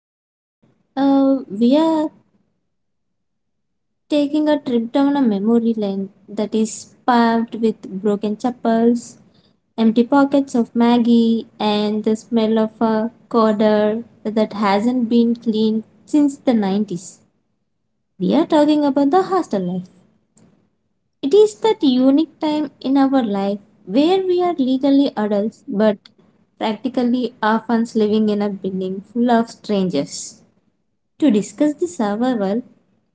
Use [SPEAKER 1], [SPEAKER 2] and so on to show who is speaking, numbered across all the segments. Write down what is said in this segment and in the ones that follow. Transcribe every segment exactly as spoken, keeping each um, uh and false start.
[SPEAKER 1] Today, uh, we are taking a trip down a memory lane that is paved with broken chapels, empty pockets of Maggie, and the smell of a corridor that hasn't been cleaned since the nineties. We are talking about the hostel life. It is that unique time in our life where we are legally adults but practically orphans living in a building full of strangers. To discuss the survival,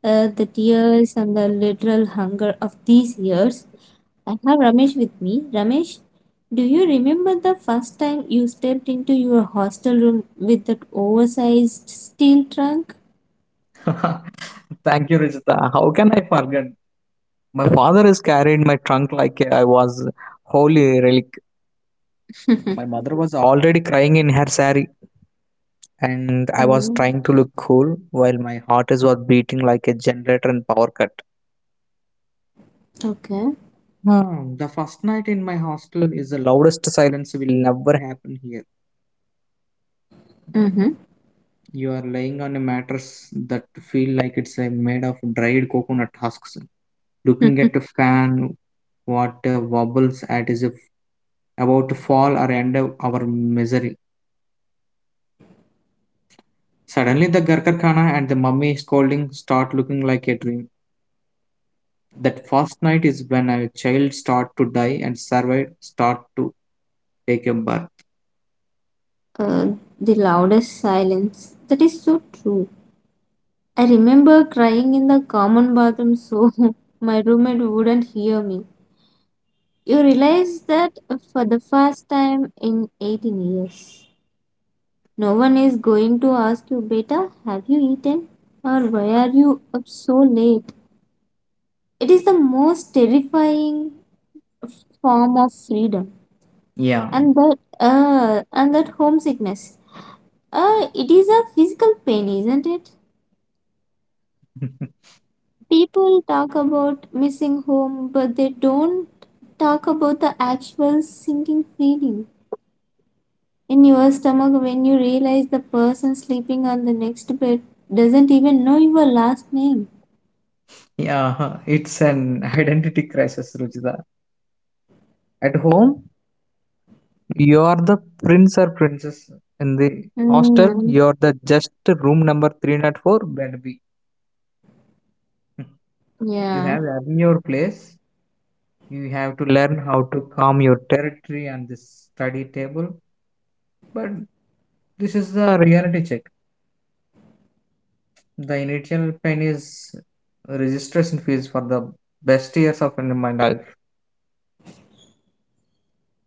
[SPEAKER 1] uh, the tears, and the literal hunger of these years, I have Ramesh with me. Ramesh, do you remember the first time you stepped into your hostel room with that oversized steel trunk?
[SPEAKER 2] Thank you, Rijita. How can I forget? My father is carried my trunk like I was holy relic. My mother was already crying in her sari, and I was
[SPEAKER 1] Mm,
[SPEAKER 2] trying to look cool while my heart is was beating like a generator in power cut.
[SPEAKER 1] okay.
[SPEAKER 2] Hmm, the first night in my hostel is the loudest silence will never happen here.
[SPEAKER 1] Mm-hmm.
[SPEAKER 2] You are laying on a mattress that feel like it's uh, made of dried coconut husks. Looking at a fan, what uh, wobbles at is a about to fall or end of our misery. Suddenly, the Garkar Khana and the mummy scolding start looking like a dream. That first night is when a child start to die and survive start to take a birth.
[SPEAKER 1] uh, the loudest silence. That is so true. I remember crying in the common bathroom so my roommate wouldn't hear me. You realize that for the first time in eighteen years, no one is going to ask you, Beta, have you eaten? Or why are you up so late? It is the most terrifying form of freedom.
[SPEAKER 2] Yeah.
[SPEAKER 1] And that, uh, and that homesickness. Uh, it is a physical pain, isn't it? People talk about missing home, but they don't talk about the actual sinking feeling in your stomach when you realize the person sleeping on the next bed doesn't even know your last name.
[SPEAKER 2] Yeah, it's an identity crisis, Ruchita. At home, you are the prince or princess. In the hostel,
[SPEAKER 1] Mm,
[SPEAKER 2] you are the just room number three zero four, bed B. You
[SPEAKER 1] yeah.
[SPEAKER 2] have earned your place. You have to learn how to calm your territory and this study table. But this is the reality check. The initial pain is registration phase for the best years of in my life.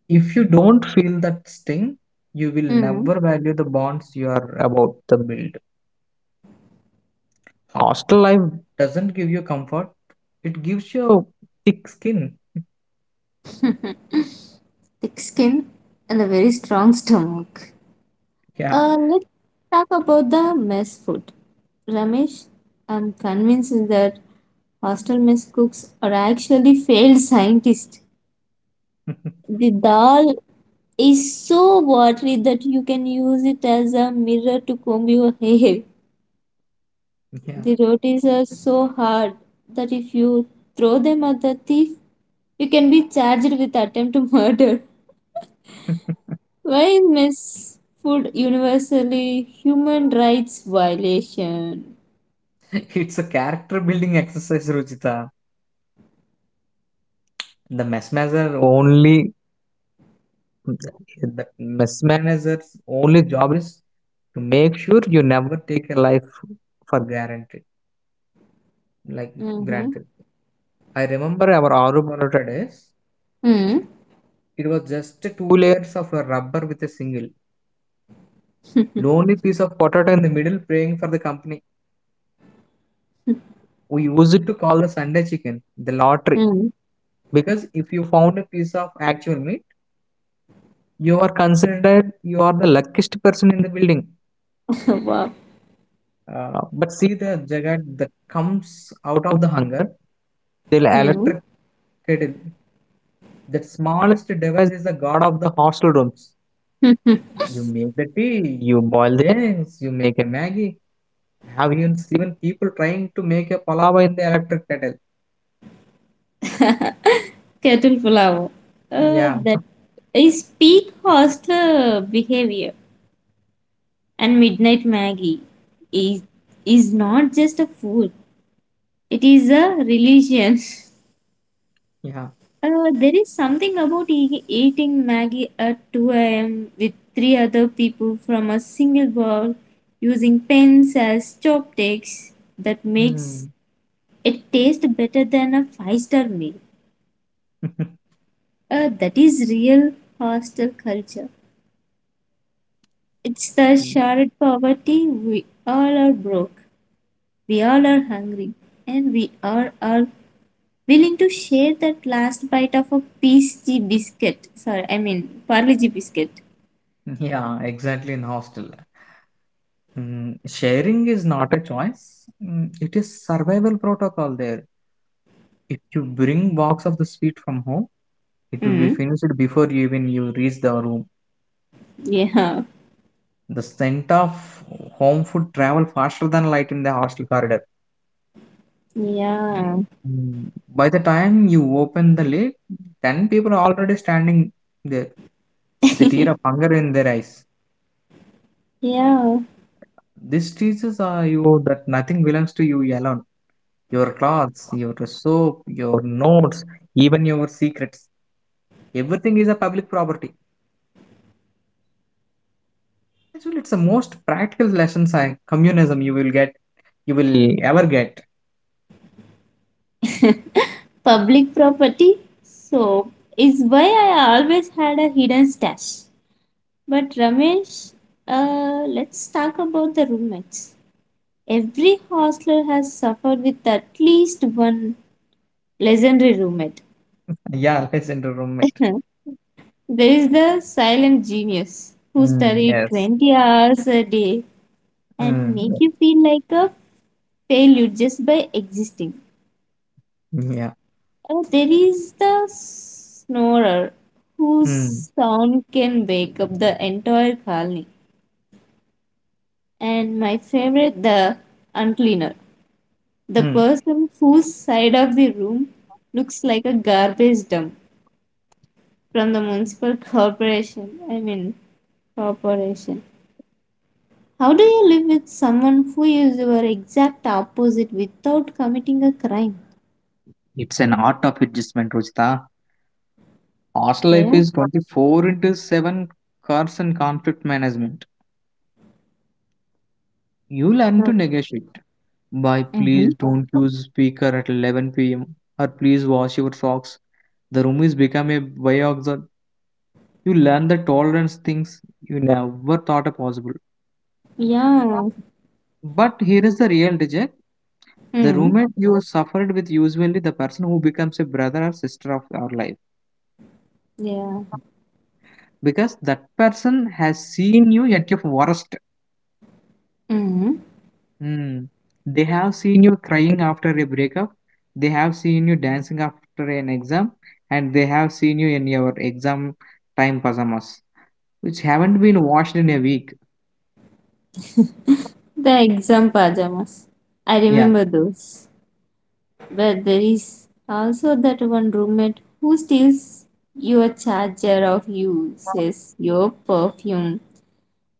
[SPEAKER 2] If you don't feel that sting, you will
[SPEAKER 1] Mm.
[SPEAKER 2] never value the bonds you are about to build. Hostel life doesn't give you comfort, it gives you thick skin.
[SPEAKER 1] Thick skin and a very strong stomach.
[SPEAKER 2] Yeah.
[SPEAKER 1] Uh, let's talk about the mess food. Ramesh, I'm convinced that hostel mess cooks are actually failed scientists. The dal is so watery that you can use it as a mirror to comb your hair.
[SPEAKER 2] Yeah.
[SPEAKER 1] The rotis are so hard that if you throw them at the thief, you can be charged with attempt to murder. Why is mess food universally human rights violation?
[SPEAKER 2] It's a character building exercise, Ruchita. The mesmerizer only The mess manager's only job is to make sure you never take a life for guaranteed, like
[SPEAKER 1] Mm-hmm.
[SPEAKER 2] granted. I remember our Aru Parotta days.
[SPEAKER 1] Mm-hmm.
[SPEAKER 2] It was just two layers of a rubber with a single lonely piece of potato in the middle, praying for the company. We used it to call the Sunday chicken the lottery, because if you found a piece of actual meat, you are considered you are the luckiest person in the building.
[SPEAKER 1] Mm. Wow.
[SPEAKER 2] Uh, but see the jagat that comes out of the hunger. The
[SPEAKER 1] Mm.
[SPEAKER 2] electric kettle. That smallest device is the god of the hostel rooms. You make the tea, you boil the eggs, you make a Maggie. Have you seen people trying to make a palava in the electric kettle?
[SPEAKER 1] Kettle pulao. Uh,
[SPEAKER 2] Yeah,
[SPEAKER 1] that is peak hostler behavior. And Midnight Maggie is, is not just a food, it is a religion.
[SPEAKER 2] yeah.
[SPEAKER 1] Uh, there is something about e- eating Maggie at two a m with three other people from a single bowl using pens as chopsticks that makes
[SPEAKER 2] Hmm.
[SPEAKER 1] it taste better than a five star meal. Uh, that is real hostel culture. It's the shared poverty. We all are broke, we all are hungry, and we are all are willing to share that last bite of a P S G biscuit. Sorry, I mean Parle-G biscuit.
[SPEAKER 2] Yeah, exactly in hostel. Mm, sharing is not a choice. Mm, it is survival protocol there. If you bring box of the sweet from home, it will be
[SPEAKER 1] Mm.
[SPEAKER 2] finished before you even you reach the room.
[SPEAKER 1] Yeah.
[SPEAKER 2] The scent of home food travel faster than light in the hostel corridor.
[SPEAKER 1] Yeah.
[SPEAKER 2] Mm, by the time you open the lid, ten people are already standing there with a tear of hunger in their eyes.
[SPEAKER 1] Yeah.
[SPEAKER 2] This teaches uh, you that nothing belongs to you alone. Your clothes, your soap, your notes, even your secrets. Everything is a public property. Actually, it's the most practical lesson sci- communism you will get, you will ever get.
[SPEAKER 1] Public property. So is why I always had a hidden stash. But Ramesh, uh, let's talk about the roommates. Every hostler has suffered with at least one legendary roommate.
[SPEAKER 2] Yeah, listen to roommate.
[SPEAKER 1] There is the silent genius who
[SPEAKER 2] Mm,
[SPEAKER 1] studied
[SPEAKER 2] yes.
[SPEAKER 1] twenty hours a day and
[SPEAKER 2] Hmm.
[SPEAKER 1] make you feel like a failure just by existing.
[SPEAKER 2] Yeah.
[SPEAKER 1] And there is the snorer whose
[SPEAKER 2] Hmm.
[SPEAKER 1] sound can wake up the entire colony. And my favorite, the uncleaner, the
[SPEAKER 2] Hmm.
[SPEAKER 1] person whose side of the room looks like a garbage dump from the municipal corporation. I mean, corporation. How do you live with someone who is your exact opposite without committing a crime?
[SPEAKER 2] It's an art of adjustment, Rajtha. Our
[SPEAKER 1] Okay.
[SPEAKER 2] life is twenty-four into seven. Carson conflict management. You learn to
[SPEAKER 1] So,
[SPEAKER 2] negotiate. By
[SPEAKER 1] mhm.
[SPEAKER 2] please don't use speaker at eleven p m. Or please wash your socks. The room is becoming biogas. You learn the tolerance things you never thought are possible.
[SPEAKER 1] Yeah.
[SPEAKER 2] But here is the real reject. The
[SPEAKER 1] Hmm.
[SPEAKER 2] roommate you suffered with usually the person who becomes a brother or sister of our life,
[SPEAKER 1] Yeah.
[SPEAKER 2] because that person has seen you at your worst.
[SPEAKER 1] Hmm.
[SPEAKER 2] Mm. They have seen you crying after a breakup, they have seen you dancing after an exam, and they have seen you in your exam time pajamas, which haven't been washed in a week.
[SPEAKER 1] The exam pajamas. I
[SPEAKER 2] Yeah.
[SPEAKER 1] remember those. But there is also that one roommate who steals your charger of you, says your perfume,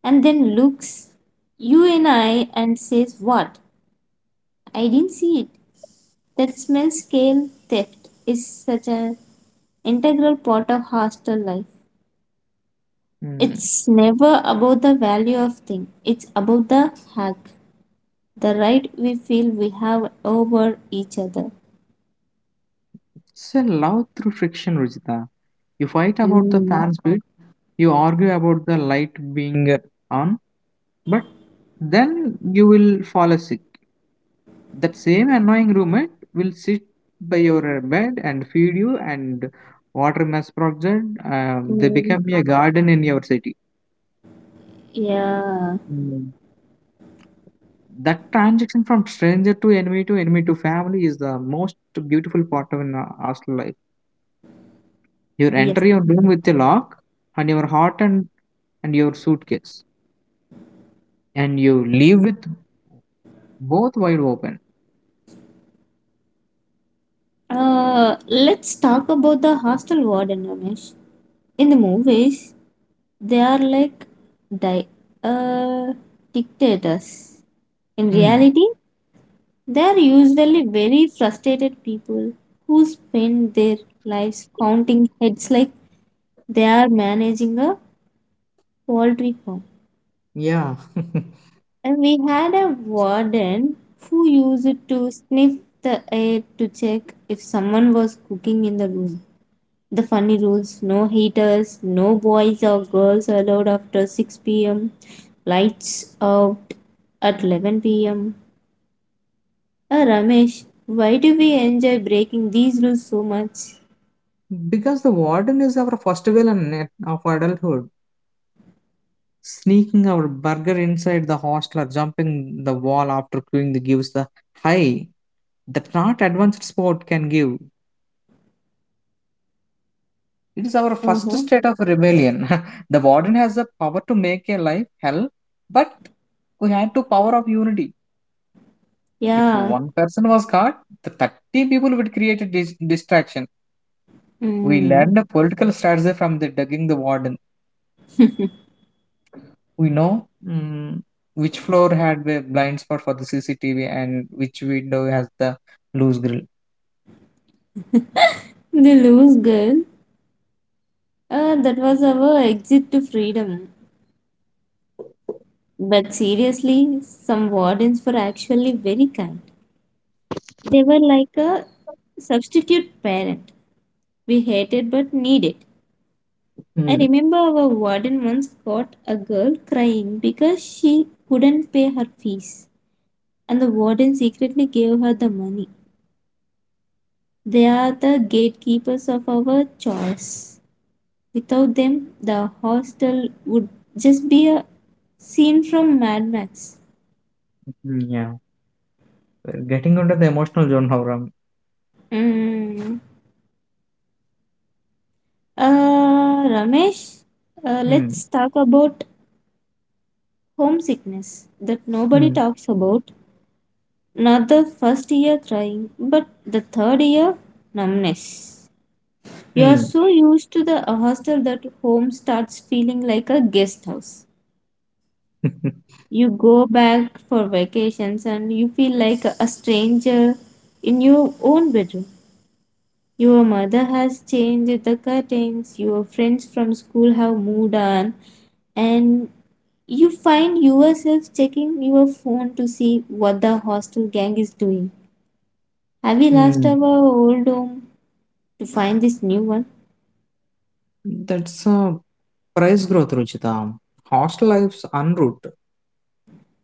[SPEAKER 1] and then looks you in eye and says, "What? I didn't see it." That smell scale theft is such an integral part of hostel life.
[SPEAKER 2] Mm.
[SPEAKER 1] It's never about the value of thing. It's about the hack, the right we feel we have over each other.
[SPEAKER 2] So love through friction, Ruchita. You fight about the
[SPEAKER 1] Mm.
[SPEAKER 2] fan speed, you argue about the light being on, but then you will fall asleep. That same annoying roommate will sit by your bed and feed you and water mass project. Um, they
[SPEAKER 1] Mm.
[SPEAKER 2] become a garden in your city.
[SPEAKER 1] Yeah,
[SPEAKER 2] Mm, that transition from stranger to enemy to enemy to family is the most beautiful part of an uh, hostel life. You
[SPEAKER 1] yes.
[SPEAKER 2] enter your room with a lock and your heart and, and your suitcase, and you leave with both wide open.
[SPEAKER 1] Uh, let's talk about the hostel warden, Ramesh. In the movies, they are like di- uh, dictators. In
[SPEAKER 2] Hmm.
[SPEAKER 1] reality, they are usually very frustrated people who spend their lives counting heads like they are managing a poultry farm.
[SPEAKER 2] Yeah.
[SPEAKER 1] And we had a warden who used to sniff the air to check if someone was cooking in the room. The funny rules no heaters, no boys or girls allowed after six p m, lights out at eleven p m. Uh, Ramesh, why do we enjoy breaking these rules so much?
[SPEAKER 2] Because the warden is our first villain at- of adulthood. Sneaking our burger inside the hostel or jumping the wall after queuing the gives the high that not advanced sport can give. It is our first
[SPEAKER 1] Uh-huh.
[SPEAKER 2] state of rebellion. The warden has the power to make a life hell, but we had to power of unity. If
[SPEAKER 1] Yeah.
[SPEAKER 2] one person was caught, the thirty people would create a dis- distraction. We
[SPEAKER 1] Mm.
[SPEAKER 2] learned a political strategy from the dugging the warden. We know mm, which floor had a blind spot for the C C T V and which window has the loose grill.
[SPEAKER 1] The loose girl. Uh, that was our exit to freedom. But seriously, some wardens were actually very kind. They were like a substitute parent. We hated but needed. I
[SPEAKER 2] Mm,
[SPEAKER 1] remember our warden once caught a girl crying because she couldn't pay her fees, and the warden secretly gave her the money. They are the gatekeepers of our chores. Without them, the hostel would just be a scene from Mad Max.
[SPEAKER 2] mm, yeah, we're getting under the emotional zone, Howram.
[SPEAKER 1] Mm. Uh, Ramesh, uh,
[SPEAKER 2] Mm,
[SPEAKER 1] let's talk about homesickness that nobody
[SPEAKER 2] mm,
[SPEAKER 1] talks about. Not the first year crying, but the third year numbness. You are
[SPEAKER 2] mm.
[SPEAKER 1] so used to the hostel that home starts feeling like a guest house. You go back for vacations and you feel like a stranger in your own bedroom. Your mother has changed the curtains, your friends from school have moved on, and you find yourself checking your phone to see what the hostel gang is doing. Have we lost
[SPEAKER 2] Mm.
[SPEAKER 1] our old home to find this new one?
[SPEAKER 2] That's a price growth, Ruchita. Hostel life's unroot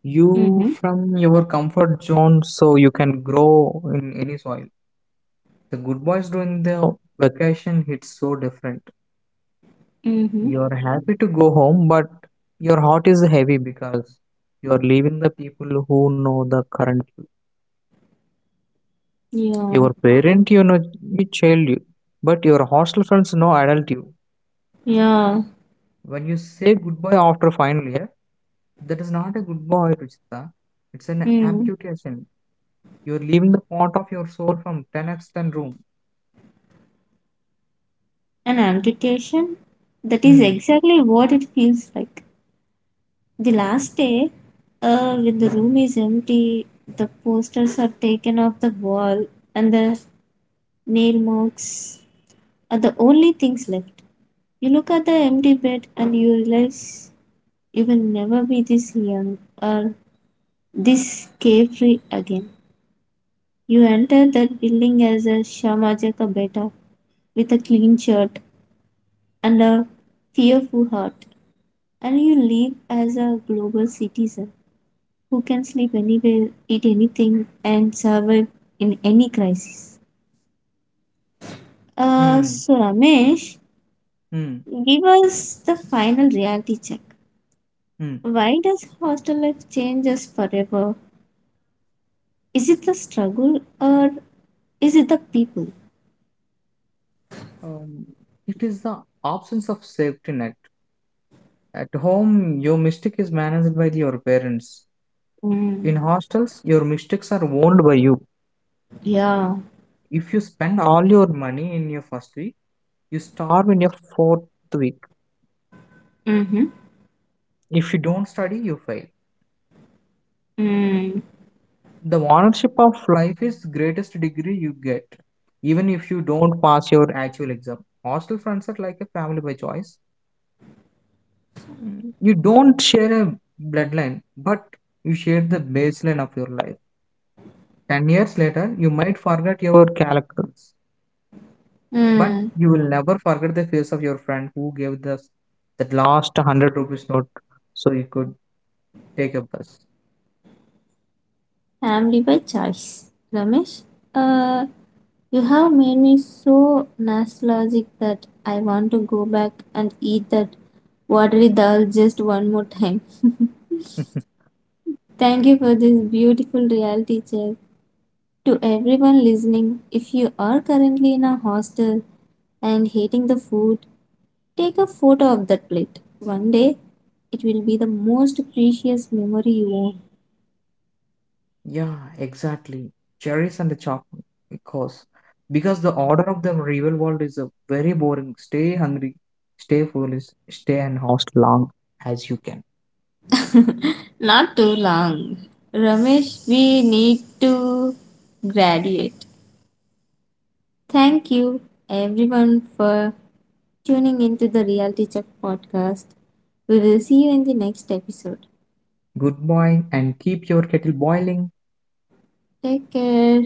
[SPEAKER 2] you
[SPEAKER 1] Mm-hmm.
[SPEAKER 2] from your comfort zone so you can grow in any soil. The good boys during the vacation hits so different.
[SPEAKER 1] Mm-hmm.
[SPEAKER 2] You're happy to go home, but your heart is heavy because you are leaving the people who know the current you.
[SPEAKER 1] Yeah.
[SPEAKER 2] Your parent, you know, you child you, but your hostel friends know adult you.
[SPEAKER 1] Yeah.
[SPEAKER 2] When you say goodbye after final year, that is not a goodbye, Ruchita. It's an
[SPEAKER 1] Mm.
[SPEAKER 2] amputation. You're leaving the part of your soul from ten by ten room.
[SPEAKER 1] An amputation? That is
[SPEAKER 2] Hmm,
[SPEAKER 1] exactly what it feels like. The last day, uh, when the room is empty, the posters are taken off the wall and the nail marks are the only things left. You look at the empty bed and you realize you will never be this young or this carefree again. You enter that building as a Shamajaka beta with a clean shirt and a fearful heart, and you leave as a global citizen who can sleep anywhere, eat anything, and survive in any crisis. Uh,
[SPEAKER 2] hmm,
[SPEAKER 1] so, Ramesh,
[SPEAKER 2] hmm,
[SPEAKER 1] give us the final reality check.
[SPEAKER 2] hmm.
[SPEAKER 1] Why does hostel life change us forever? Is it the struggle or is it the people?
[SPEAKER 2] Um, it is the absence of safety net. At home, your mistake is managed by your parents. In
[SPEAKER 1] Mm,
[SPEAKER 2] hostels, your mistakes are owned by you.
[SPEAKER 1] yeah.
[SPEAKER 2] If you spend all your money in your first week, you starve in your fourth week.
[SPEAKER 1] Mm-hmm.
[SPEAKER 2] If you don't study, you fail.
[SPEAKER 1] Mm.
[SPEAKER 2] The ownership of life is greatest degree you get, even if you don't pass your actual exam. Hostel friends are like a family by choice. Mm. You don't share a bloodline, but you share the baseline of your life. Ten years later, you might forget your characters, but
[SPEAKER 1] Mm.
[SPEAKER 2] you will never forget the face of your friend who gave us that last one hundred rupees note so you could take a bus.
[SPEAKER 1] Family by choice. Ramesh, uh, you have made me so nostalgic that I want to go back and eat that watery dal just one more time. Thank you for this beautiful reality check. To everyone listening, if you are currently in a hostel and hating the food, take a photo of that plate. One day, it will be the most precious memory you own.
[SPEAKER 2] Yeah, exactly. Cherries and the chocolate. Because because the order of the real world is a very boring. Stay hungry, stay foolish, stay and host long as you can.
[SPEAKER 1] Not too long. Ramesh, we need to graduate. Thank you, everyone, for tuning into the Reality Check podcast. We will see you in the next episode.
[SPEAKER 2] Good boy and keep your kettle boiling.
[SPEAKER 1] Take care.